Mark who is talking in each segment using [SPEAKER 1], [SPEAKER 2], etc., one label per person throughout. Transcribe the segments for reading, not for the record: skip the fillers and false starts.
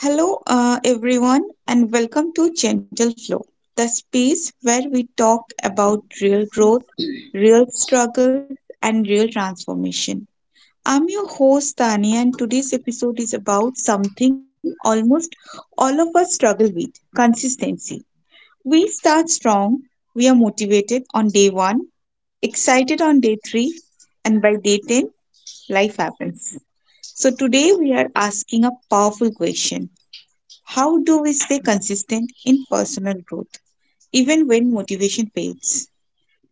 [SPEAKER 1] Hello, everyone, and welcome to Gentle Flow, the space where we talk about real growth, real struggles, and real transformation. I'm your host, Tania, and today's episode is about something almost all of us struggle with consistency. We start strong, we are motivated on day one, excited on day three, and by day 10, life happens. So, today we are asking a powerful question: how do we stay consistent in personal growth, even when motivation fades?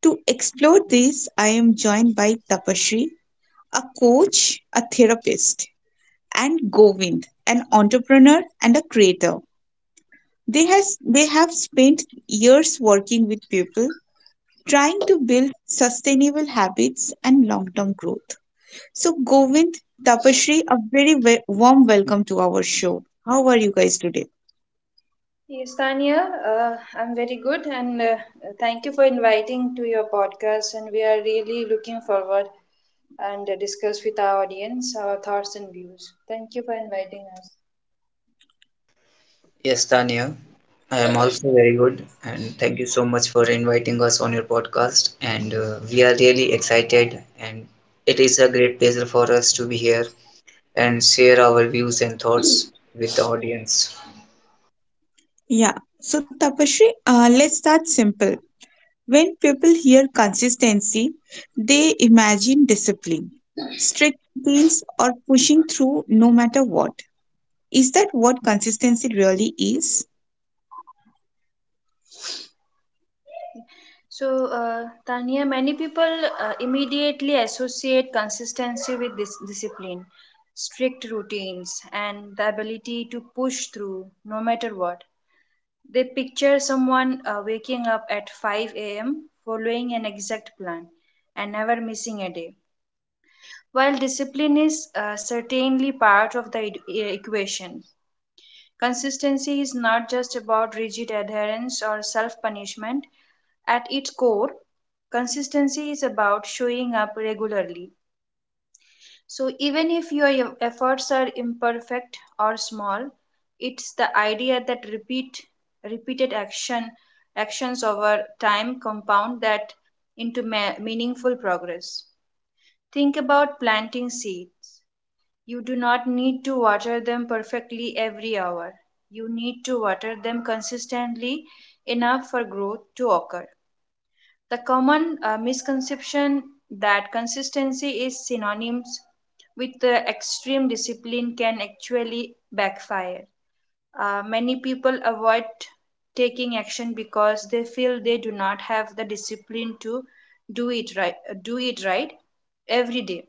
[SPEAKER 1] To explore this, I am joined by Tapashri, a coach, a therapist, and Govind, an entrepreneur and a creator. They have spent years working with people, trying to build sustainable habits and long term growth. So, Govind, Tapashri, a very warm welcome to our show. How are you guys today?
[SPEAKER 2] Yes, Tanya, I'm very good, and thank you for inviting to your podcast. And we are really looking forward and discuss with our audience our thoughts and views. Thank you for inviting us.
[SPEAKER 3] Yes, Tanya, I am also very good, and thank you so much for inviting us on your podcast. And we are really excited, and it is a great pleasure for us to be here and share our views and thoughts with the audience.
[SPEAKER 1] Yeah. So, Tapashri, let's start simple. When people hear consistency, they imagine discipline, strict routines, or pushing through no matter what. Is that what consistency really is?
[SPEAKER 2] So, uh, Tanya, many people immediately associate consistency with this discipline, strict routines, and the ability to push through no matter what. They picture someone waking up at 5 a.m., following an exact plan, and never missing a day. While discipline is certainly part of the equation, consistency is not just about rigid adherence or self punishment. At its core, consistency is about showing up regularly, so, even if your efforts are imperfect or small, it's the idea that repeated actions over time compound that into meaningful progress. Think about planting seeds. You do not need to water them perfectly every hour. You need to water them consistently enough for growth to occur. The common misconception that consistency is synonymous with extreme discipline can actually backfire. Many people avoid taking action because they feel they do not have the discipline to do it right, do it right every day.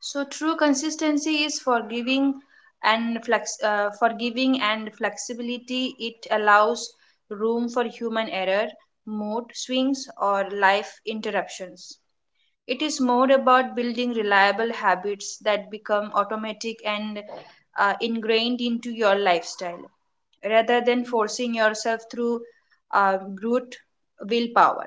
[SPEAKER 2] So true consistency is forgiving and flexibility. It allows room for human error, mood swings, or life interruptions. It is more about building reliable habits that become automatic and ingrained into your lifestyle, rather than forcing yourself through brute willpower.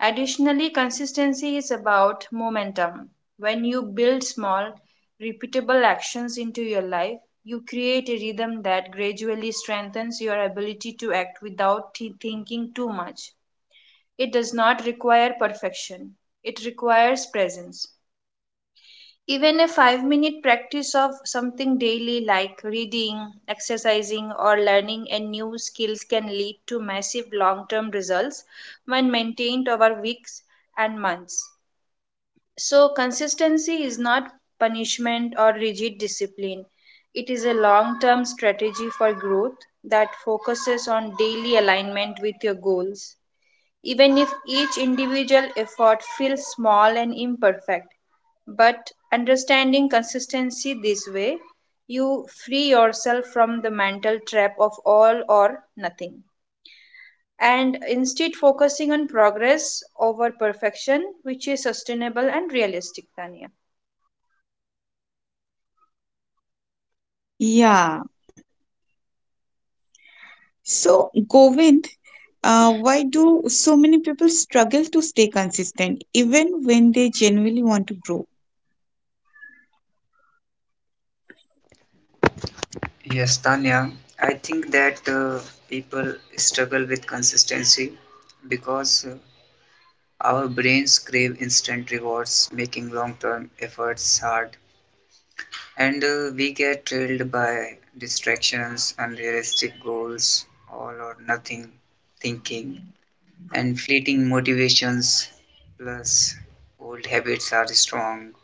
[SPEAKER 2] Additionally, consistency is about momentum. When you build small, repeatable actions into your life, you create a rhythm that gradually strengthens your ability to act without thinking too much. It does not require perfection, it requires presence. Even a 5 minute practice of something daily, like reading, exercising, or learning a new skills, can lead to massive long term results when maintained over weeks and months. So, consistency is not punishment or rigid discipline, it is a long term strategy for growth that focuses on daily alignment with your goals even if each individual effort feels small and imperfect. But understanding consistency this way, you free yourself from the mental trap of all or nothing. And instead, focusing on progress over perfection, which is sustainable and realistic, Tanya.
[SPEAKER 1] Yeah. So, Govind, why do so many people struggle to stay consistent even when they genuinely want to grow?
[SPEAKER 3] Yes, Tanya, I think that people struggle with consistency because our brains crave instant rewards, making long-term efforts hard. And we get trailed by distractions, unrealistic goals, all or nothing thinking, and fleeting motivations. Plus, old habits are strong.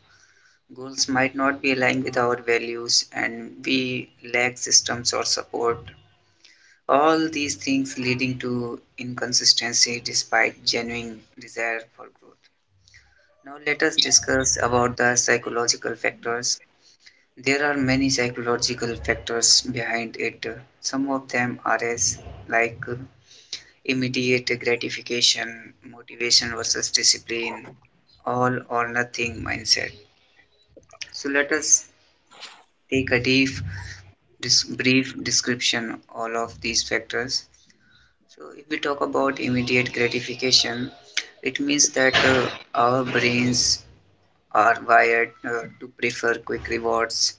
[SPEAKER 3] Goals might not be aligned with our values, and we lack systems or support. All these things leading to inconsistency despite genuine desire for growth. Now, let us discuss about the psychological factors. There are many psychological factors behind it. Some of them are as like immediate gratification, motivation versus discipline, all or nothing mindset. So let us take a brief description all of these factors. So if we talk about immediate gratification, it means that our brains are wired to prefer quick rewards,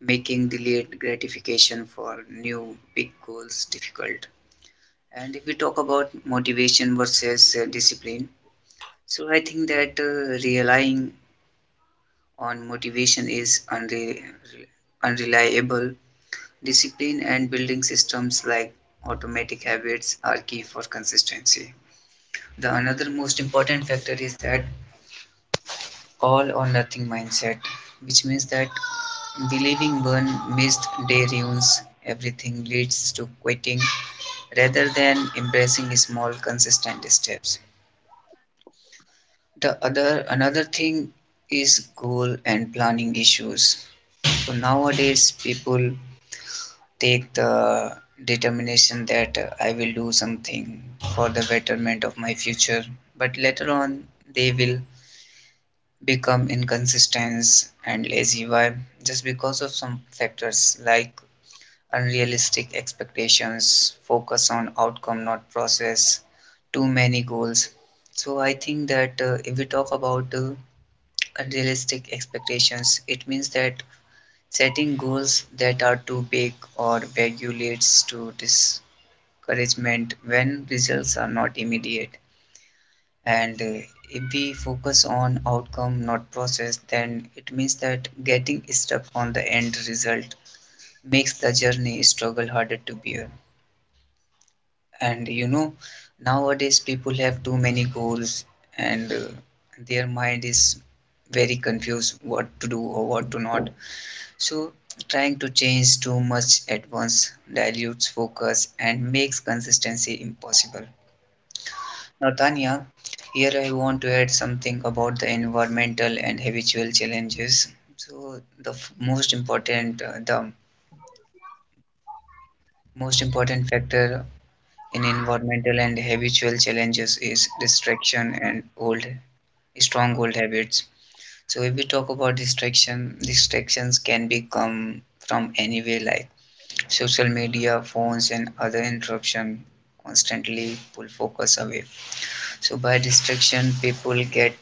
[SPEAKER 3] making delayed gratification for new big goals difficult. And if we talk about motivation versus discipline, so I think that relying on motivation is unreliable. Discipline and building systems like automatic habits are key for consistency. The another most important factor is that all or nothing mindset, which means that believing one missed day ruins everything leads to quitting rather than embracing small consistent steps. The other another thing is goal and planning issues. So nowadays people take the determination that I will do something for the betterment of my future, but later on they will become inconsistent and lazy vibe just because of some factors like unrealistic expectations, focus on outcome, not process, too many goals. So I think that if we talk about unrealistic expectations, it means that setting goals that are too big or vague leads to discouragement when results are not immediate. And if we focus on outcome, not process, then it means that getting stuck on the end result makes the journey struggle harder to bear. And you know, nowadays people have too many goals and their mind is very confused what to do or what to not. So, trying to change too much at once dilutes focus and makes consistency impossible. Now, Tanya, here I want to add something about the environmental and habitual challenges. So, the most important factor in environmental and habitual challenges is distraction and old, stronghold habits. So, if we talk about distraction, distractions can become come from anywhere, like social media, phones, and other interruption constantly pull focus away. So, by distraction,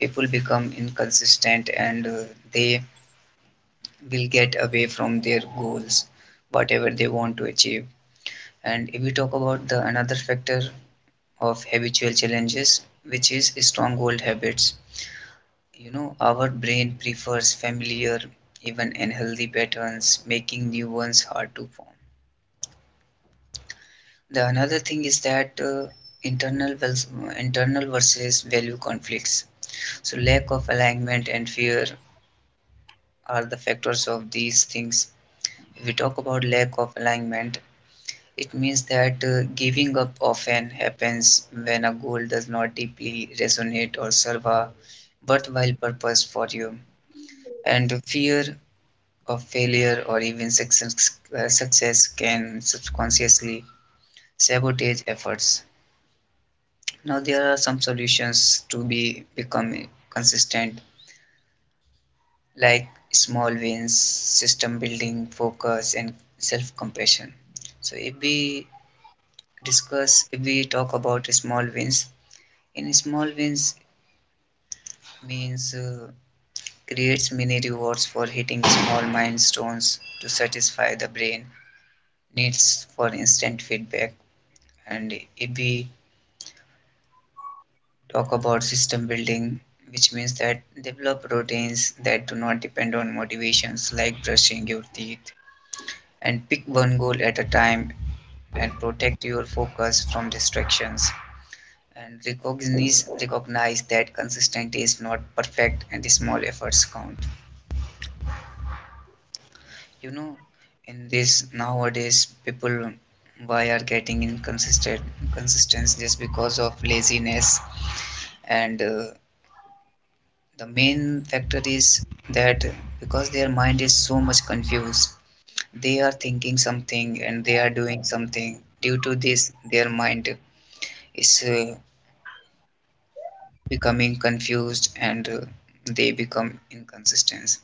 [SPEAKER 3] people become inconsistent and they will get away from their goals whatever they want to achieve. And if we talk about the another factor of habitual challenges, which is stronghold habits, you know, our brain prefers familiar even unhealthy patterns, making new ones hard to form. The another thing is that internal vers- internal versus value conflicts. So lack of alignment and fear are the factors of these things. If we talk about lack of alignment, it means that giving up often happens when a goal does not deeply resonate or serve a worthwhile purpose for you. And fear of failure or even success, success can subconsciously sabotage efforts. Now, there are some solutions to be become consistent, like small wins, system building, focus, and self compassion. So, if we talk about small wins, in small wins means creates mini rewards for hitting small milestones to satisfy the brain needs for instant feedback. And if we talk about system building, which means that develop routines that do not depend on motivations like brushing your teeth, and pick one goal at a time, and protect your focus from distractions, and recognize that consistent is not perfect and small efforts count. You know, in this nowadays people why are getting inconsistent consistence just because of laziness. And the main factor is that because their mind is so much confused, they are thinking something and they are doing something. Due to this, their mind is becoming confused and they become inconsistent.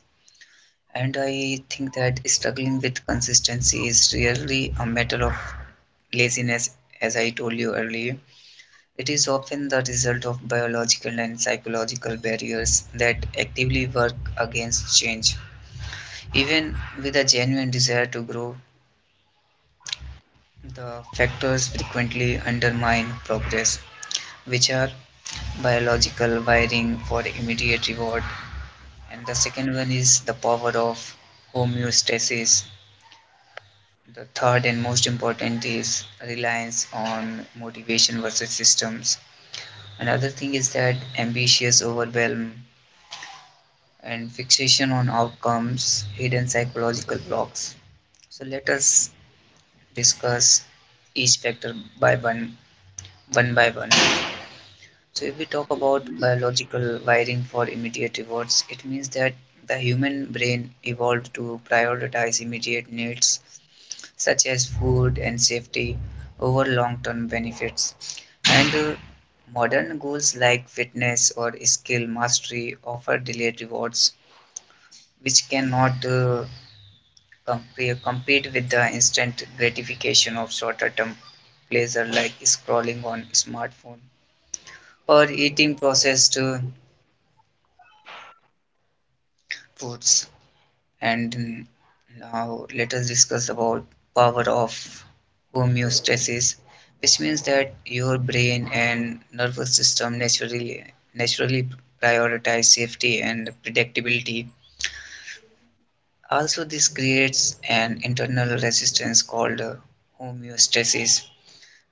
[SPEAKER 3] And I think that struggling with consistency is really a matter of laziness, as I told you earlier. It is often the result of biological and psychological barriers that actively work against change. Even with a genuine desire to grow, the factors frequently undermine progress, which are biological wiring for immediate reward. And the second one is the power of homeostasis. The third and most important is reliance on motivation versus systems. Another thing is that ambitious overwhelm and fixation on outcomes, hidden psychological blocks. So let us discuss each factor by one, one by one. So if we talk about biological wiring for immediate rewards, it means that the human brain evolved to prioritize immediate needs such as food and safety, over long term benefits. And modern goals like fitness or skill mastery offer delayed rewards, which cannot compete with the instant gratification of shorter term pleasure like scrolling on smartphone or eating processed foods. And now let us discuss about power of homeostasis, which means that your brain and nervous system naturally prioritize safety and predictability. Also, this creates an internal resistance called homeostasis,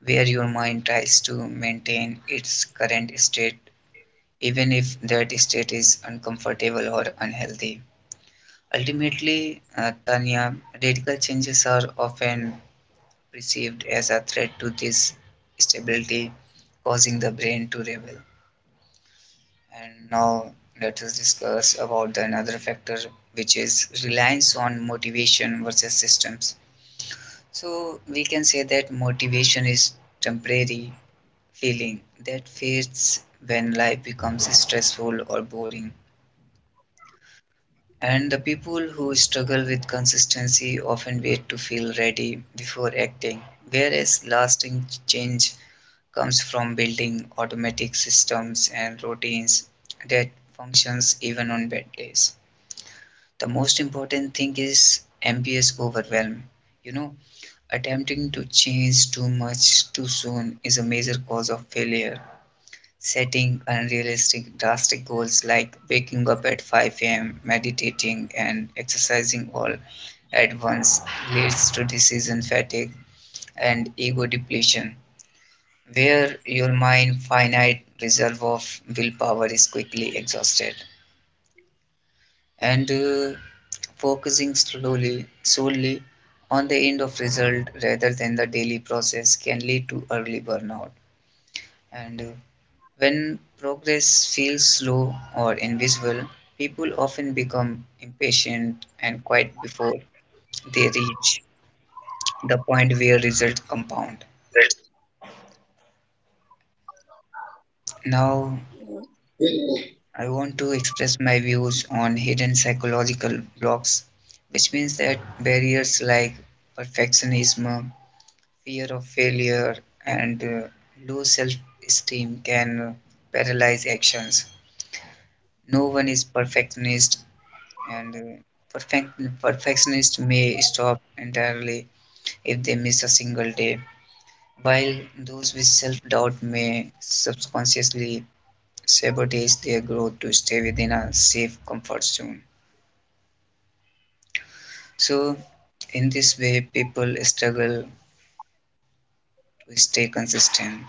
[SPEAKER 3] where your mind tries to maintain its current state even if that state is uncomfortable or unhealthy. Ultimately, Tanya, radical changes are often perceived as a threat to this stability, causing the brain to rebel. And now let us discuss about the another factor, which is reliance on motivation versus systems. So we can say that motivation is temporary feeling that fades when life becomes stressful or boring. And the people who struggle with consistency often wait to feel ready before acting, whereas lasting change comes from building automatic systems and routines that functions even on bad days. The most important thing is MPS overwhelm. You know, attempting to change too much too soon is a major cause of failure. Setting unrealistic, drastic goals like waking up at 5 a.m., meditating, and exercising all at once leads to decision fatigue and ego depletion, where your mind's finite reserve of willpower is quickly exhausted. And focusing slowly solely on the end of result rather than the daily process can lead to early burnout. And when progress feels slow or invisible, people often become impatient and quite before they reach the point where results compound. Now, I want to express my views on hidden psychological blocks, which means that barriers like perfectionism, fear of failure, and low self esteem can paralyze actions. No one is perfectionist and perfect perfectionists may stop entirely if they miss a single day, while those with self-doubt may subconsciously sabotage their growth to stay within a safe comfort zone. So, in this way, people struggle to stay consistent.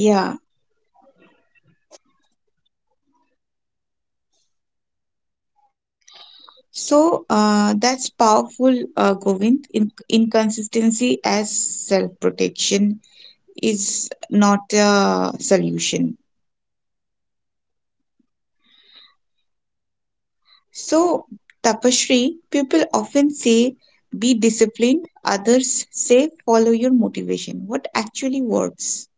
[SPEAKER 1] Yeah. So that's powerful, Govind. Inconsistency as self protection is not a solution. So, Tapashri, people often say be disciplined, others say follow your motivation. What actually works?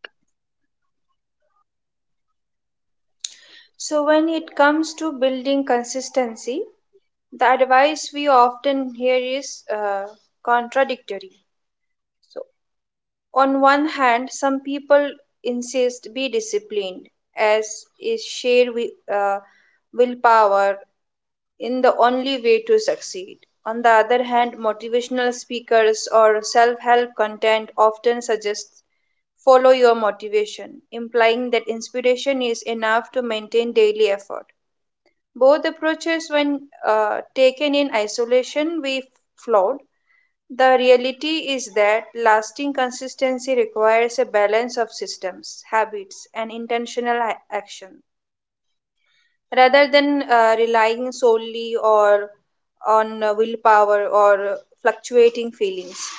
[SPEAKER 2] So, when it comes to building consistency, the advice we often hear is contradictory. So, on one hand, some people insist be disciplined, as is sheer willpower in the only way to succeed. On the other hand, motivational speakers or self help content often suggests follow your motivation, implying that inspiration is enough to maintain daily effort. Both approaches, when taken in isolation, we flawed. The reality is that lasting consistency requires a balance of systems, habits, and intentional action. Rather than relying solely or on willpower or fluctuating feelings,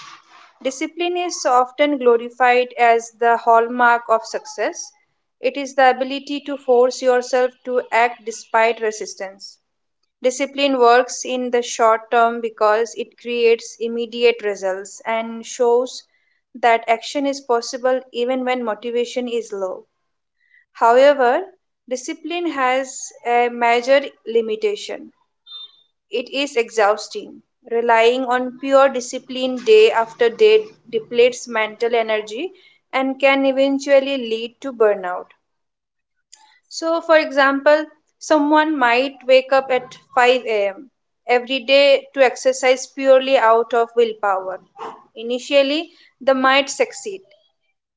[SPEAKER 2] discipline is often glorified as the hallmark of success. It is the ability to force yourself to act despite resistance. Discipline works in the short term because it creates immediate results and shows that action is possible even when motivation is low. However, discipline has a major limitation. It is exhausting. Relying on pure discipline day after day depletes mental energy and can eventually lead to burnout. So, for example, someone might wake up at 5 a.m. every day to exercise purely out of willpower. Initially, they might succeed,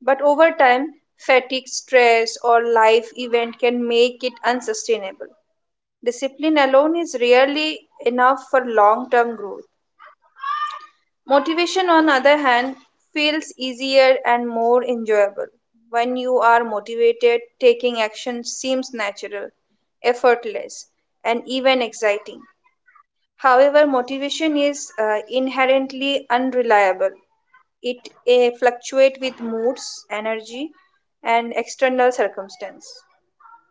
[SPEAKER 2] but over time, fatigue, stress, or life event can make it unsustainable. Discipline alone is rarely enough for long term growth. Motivation, on the other hand, feels easier and more enjoyable. When you are motivated, taking action seems natural, effortless, and even exciting. However, motivation is inherently unreliable. It fluctuates with moods, energy, and external circumstance.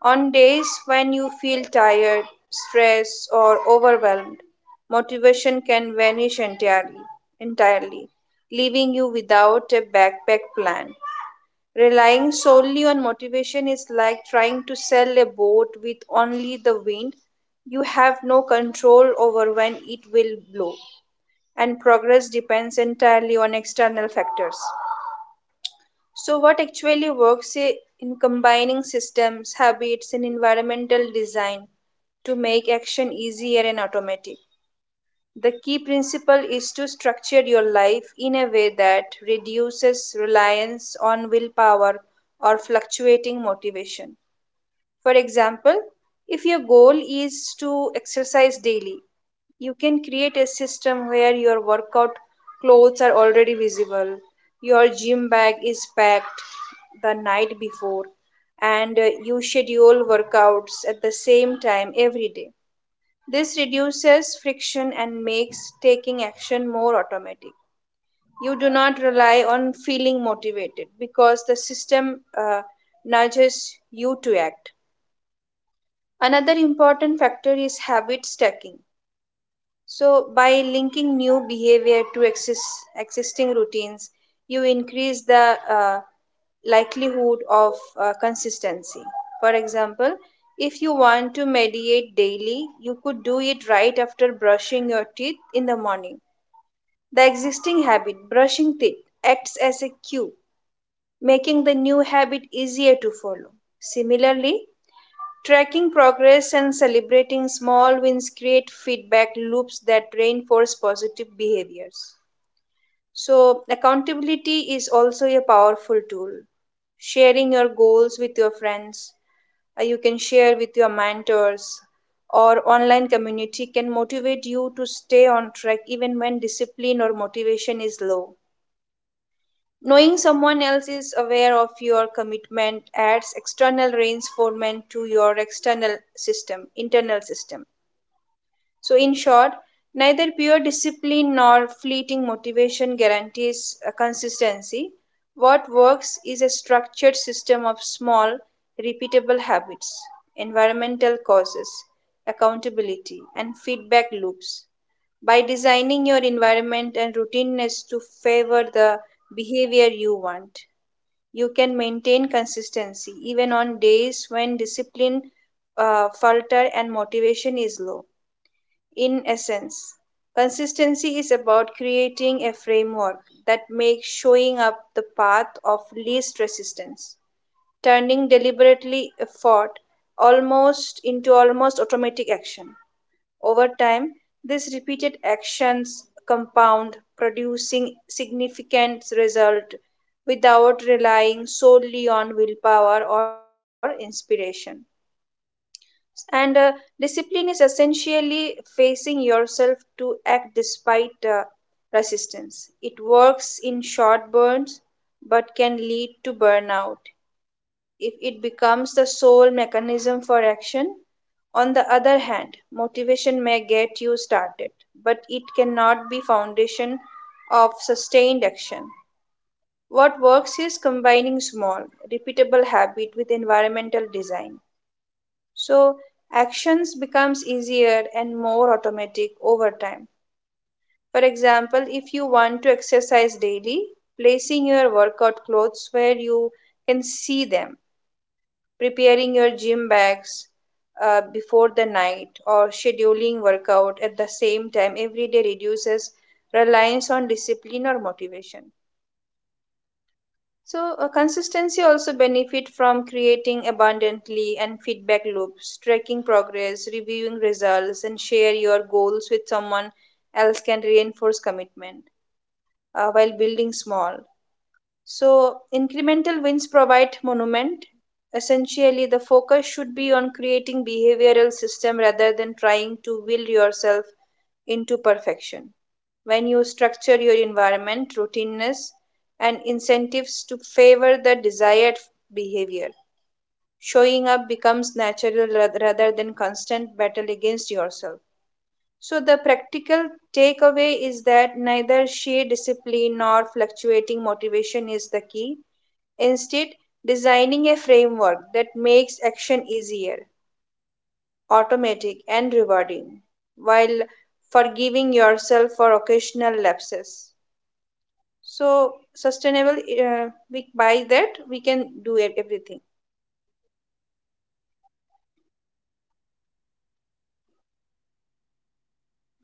[SPEAKER 2] On days when you feel tired, stressed, or overwhelmed, motivation can vanish entirely, leaving you without a backpack plan. Relying solely on motivation is like trying to sail a boat with only the wind. You have no control over when it will blow, and progress depends entirely on external factors. So, what actually works in combining systems, habits, and environmental design to make action easier and automatic? The key principle is to structure your life in a way that reduces reliance on willpower or fluctuating motivation. For example, if your goal is to exercise daily, you can create a system where your workout clothes are already visible, your gym bag is packed the night before, and you schedule workouts at the same time every day. This reduces friction and makes taking action more automatic. You do not rely on feeling motivated because the system nudges you to act. Another important factor is habit stacking. So, by linking new behavior to existing routines, you increase the likelihood of consistency. For example, if you want to meditate daily, you could do it right after brushing your teeth in the morning. The existing habit, brushing teeth, acts as a cue, making the new habit easier to follow. Similarly, tracking progress and celebrating small wins create feedback loops that reinforce positive behaviors. So, accountability is also a powerful tool. Sharing your goals with your friends, you can share with your mentors, or online community can motivate you to stay on track even when discipline or motivation is low. Knowing someone else is aware of your commitment adds external reinforcement to your external system, internal system. So, in short, neither pure discipline nor fleeting motivation guarantees consistency. What works is a structured system of small, repeatable habits, environmental causes, accountability, and feedback loops. By designing your environment and routineness to favor the behavior you want, you can maintain consistency even on days when discipline falter and motivation is low. In essence, consistency is about creating a framework that makes showing up the path of least resistance, turning deliberately effort almost into almost automatic action. Over time, these repeated actions compound, producing significant result without relying solely on willpower or inspiration. And discipline is essentially facing yourself to act despite resistance. It works in short burns but can lead to burnout if it becomes the sole mechanism for action. On the other hand, motivation may get you started, but it cannot be foundation of sustained action. What works is combining small, repeatable habit with environmental design. So actions becomes easier and more automatic over time. For example, if you want to exercise daily, placing your workout clothes where you can see them, preparing your gym bags before the night, or scheduling workout at the same time every day reduces reliance on discipline or motivation. So, consistency also benefit from creating abundantly and feedback loops, tracking progress, reviewing results, and share your goals with someone else can reinforce commitment while building small. So, incremental wins provide monument. Essentially, the focus should be on creating behavioral system rather than trying to will yourself into perfection. When you structure your environment, routineness, and incentives to favor the desired behavior, showing up becomes natural rather than constant battle against yourself. So, the practical takeaway is that neither sheer discipline nor fluctuating motivation is the key. Instead, designing a framework that makes action easier, automatic, and rewarding while forgiving yourself for occasional lapses. So, sustainable, we, by that, we can do everything.
[SPEAKER 1] Yeah. So, Govind,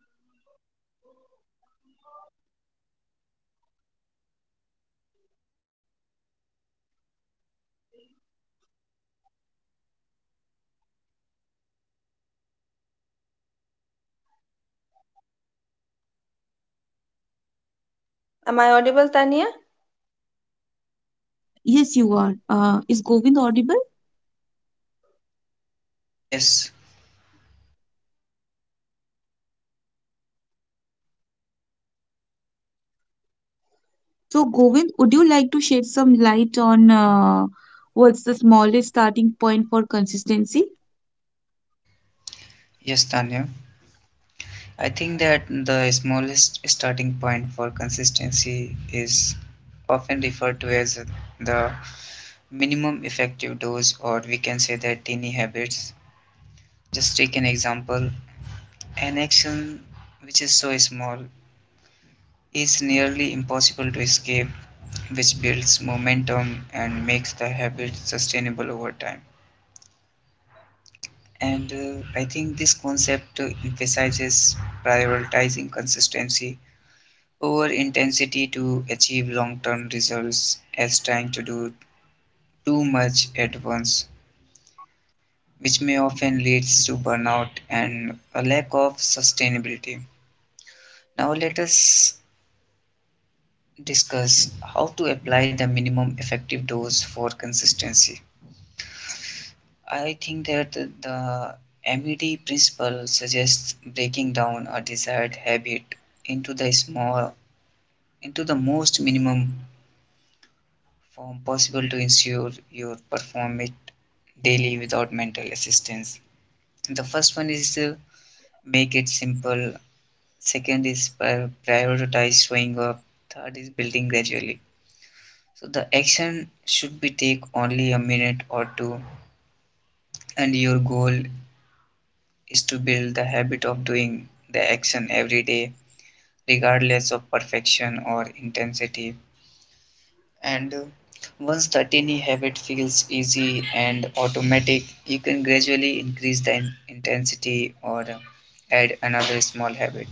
[SPEAKER 1] let's talk practical. What's the smallest starting point for consistency?
[SPEAKER 2] Am I audible, Tania?
[SPEAKER 1] Yes, you are. Is Govind audible?
[SPEAKER 3] Yes,
[SPEAKER 1] So, Govind, would you like to shed some light on what's the smallest starting point for consistency?
[SPEAKER 3] yes, Tanya. I think that the smallest starting point for consistency is often referred to as the minimum effective dose, or we can say that tiny habits. Just take an example, an action which is so small is nearly impossible to escape, which builds momentum and makes the habit sustainable over time. And I think this concept emphasizes prioritizing consistency over intensity to achieve long-term results, as trying to do too much at once which may often leads to burnout and a lack of sustainability. Now let us discuss how to apply the minimum effective dose for consistency. I think that the MED principle suggests breaking down a desired habit into the small into the most minimum form possible to ensure you perform it daily without mental assistance. The first one is to make it simple, second is prioritize showing up, third is building gradually. So the action should be take only a minute or two, and your goal is to build the habit of doing the action every day regardless of perfection or intensity. And once the tiny habit feels easy and automatic, you can gradually increase the intensity or add another small habit.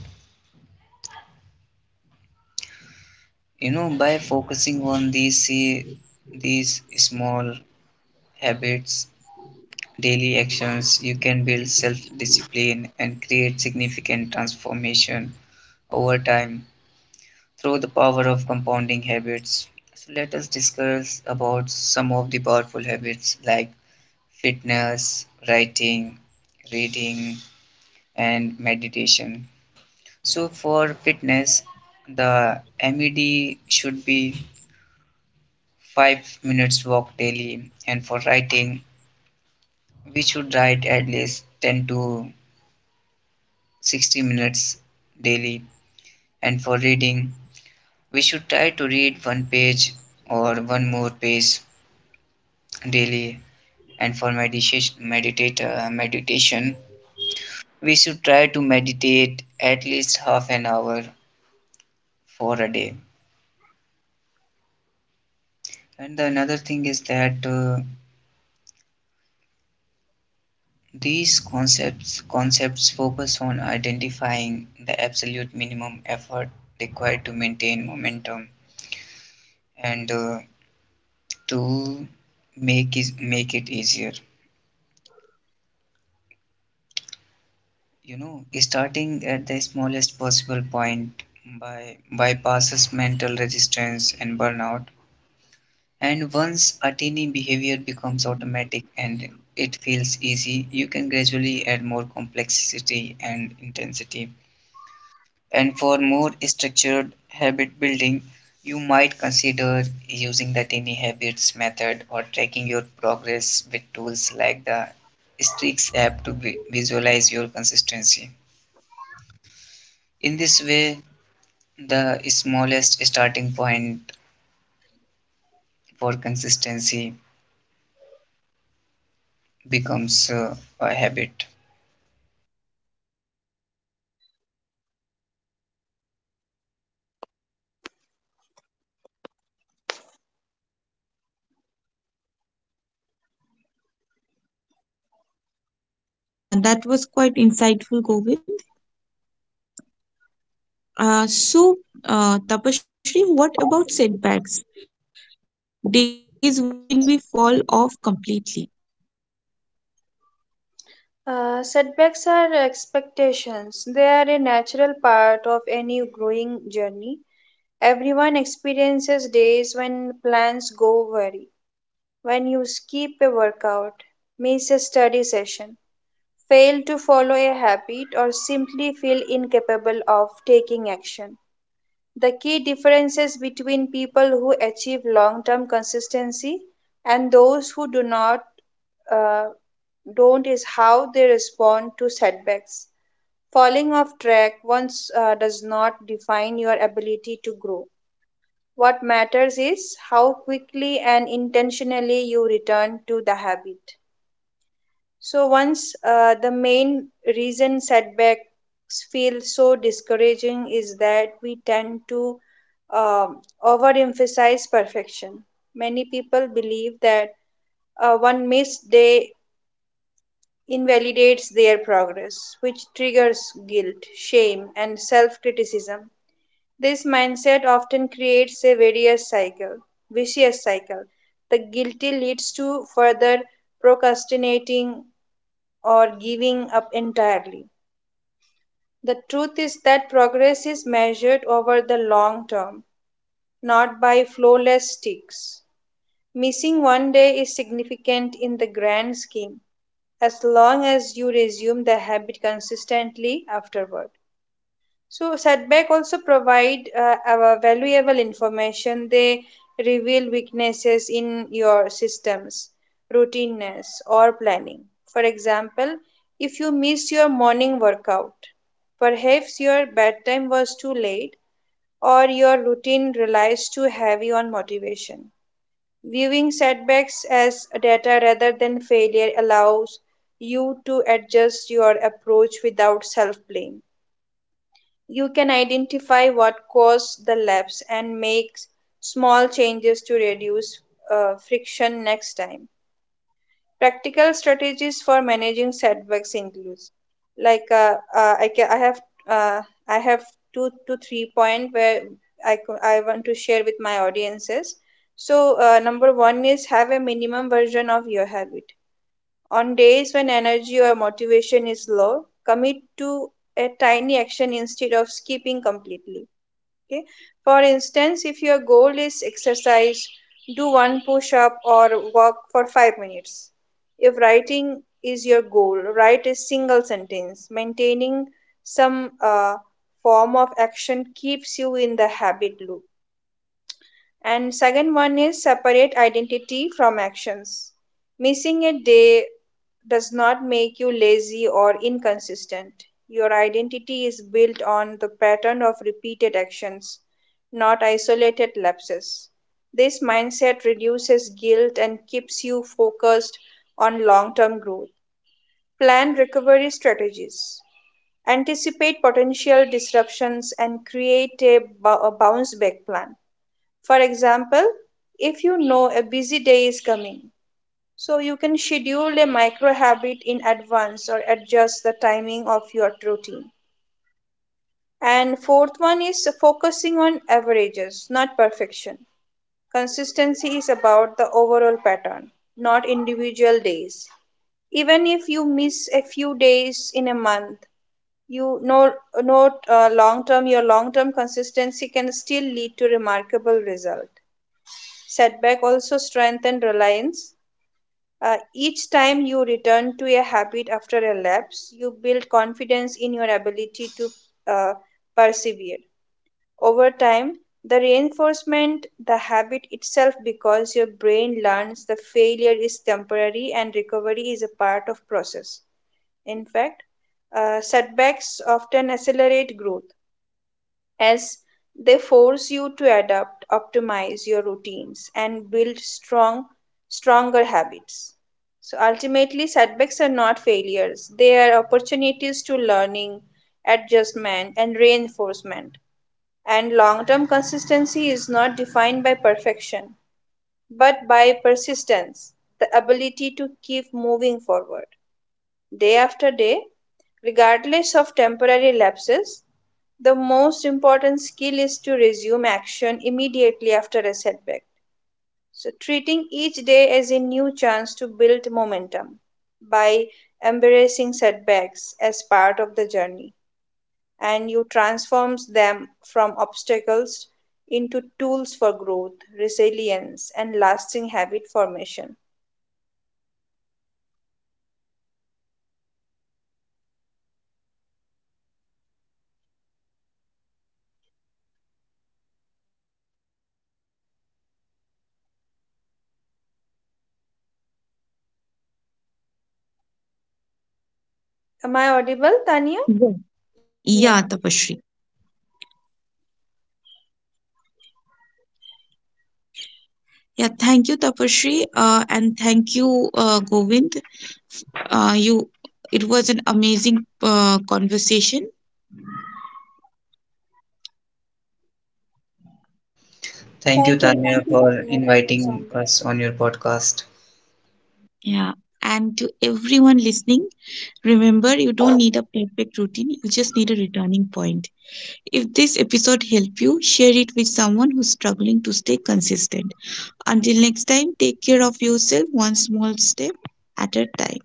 [SPEAKER 3] You know, by focusing on these small habits, daily actions, you can build self discipline and create significant transformation over time through the power of compounding habits. So let us discuss about some of the powerful habits like fitness, writing, reading, and meditation. So for fitness, the med should be 5 minutes walk daily. And for writing, we should write at least 10 to 60 minutes daily. And for reading, we should try to read one page or one more page daily. And for meditation, we should try to meditate at least half an hour for a day. And the another thing is that these concepts focus on identifying the absolute minimum effort required to maintain momentum, and to make it easier. You know, starting at the smallest possible point by bypasses mental resistance and burnout. And once a tiny behavior becomes automatic and it feels easy, you can gradually add more complexity and intensity. And for more structured habit building, you might consider using the tiny habits method or tracking your progress with tools like the Strix app to visualize your consistency. In this way, the smallest starting point for consistency becomes a habit.
[SPEAKER 1] Yeah, that was quite insightful, Govind. So, Tapashri, what about setbacks? Days when we fall off completely.
[SPEAKER 2] Setbacks are expectations. They are a natural part of any growing journey. Everyone experiences days
[SPEAKER 1] Tapashri?
[SPEAKER 2] when plans go awry, when you skip a workout, miss a study session, fail to follow a habit, or simply feel incapable of taking action. The key differences between people who achieve long term consistency and those who do not uh, don't is how they respond to setbacks. Falling off track once does not define your ability to grow. What matters is how quickly and intentionally you return to the habit. So once the main reason setbacks feel so discouraging is that we tend to overemphasize perfection. Many people believe that one missed day invalidates their progress, which triggers guilt, shame, and self criticism. This mindset often creates a vicious cycle. The guilty leads to further procrastinating, or giving up entirely. The truth is that progress is measured over the long term, not by flawless sticks. Missing one day is significant in the grand scheme, as long as you resume the habit consistently afterward. So setback also provide our valuable information. They reveal weaknesses in your systems, routineness, or planning. For example, if you miss your morning workout, perhaps your bedtime was too late, or your routine relies too heavy on motivation. Viewing setbacks as data rather than failure allows you to adjust your approach without self blame. You can identify what caused the lapse and make small changes to reduce friction next time. Practical strategies for managing setbacks includes like I have uh, I have 2 to 3 point where I want to share with my audiences. So number one is have a minimum version of your habit. On days when energy or motivation is low, commit to a tiny action instead of skipping completely. Okay, for instance, if your goal is exercise, do one push up or walk for 5 minutes. If writing is your goal, write a single sentence. Maintaining some form of action keeps you in the habit loop. And second one is separate identity from actions. Missing a day does not make you lazy or inconsistent. Your identity is built on the pattern of repeated actions, not isolated lapses. This mindset reduces guilt and keeps you focused on long-term growth. Plan recovery strategies, anticipate potential disruptions and create a bounce back plan. For example, if you know a busy day is coming, so you can schedule a micro habit in advance or adjust the timing of your routine. And fourth one is focusing on averages, not perfection. Consistency is about the overall pattern, not individual days. Even if you miss a few days in a month, you know, note long term, your long term consistency can still lead to remarkable result. Setback also strengthen reliance. Each time you return to a habit after a lapse, you build confidence in your ability to uh, persevere. Over time, the reinforcement, the habit itself, because your brain learns the failure is temporary and recovery is a part of process. In fact, setbacks often accelerate growth as they force you to adapt, optimize your routines, and build stronger habits. So ultimately, setbacks are not failures, they are opportunities to learning, adjustment, and reinforcement. And long term consistency is not defined by perfection, but by persistence, the ability to keep moving forward day after day, regardless of temporary lapses. The most important skill is to resume action immediately after a setback. So, treating each day as a new chance to build momentum by embracing setbacks as part of the journey and you transforms them from obstacles into tools for growth, resilience and lasting habit formation. Am I audible, Tanya?
[SPEAKER 1] Yeah. Yeah,
[SPEAKER 2] Yeah.
[SPEAKER 1] Tapasree. Yeah, thank you, Tapasree, and thank you, Govind. You, it was an amazing conversation.
[SPEAKER 3] Thank you,
[SPEAKER 2] Thank
[SPEAKER 3] Tanya,
[SPEAKER 2] you,
[SPEAKER 3] for
[SPEAKER 2] Tanya. Thank you so
[SPEAKER 3] inviting
[SPEAKER 2] much.
[SPEAKER 3] us on your podcast.
[SPEAKER 1] Yeah, and to everyone listening, remember you don't need a perfect routine. You just need a returning point. If this episode helped you, share it with someone who's struggling to stay consistent. Until next time, take care of yourself one small step at a time.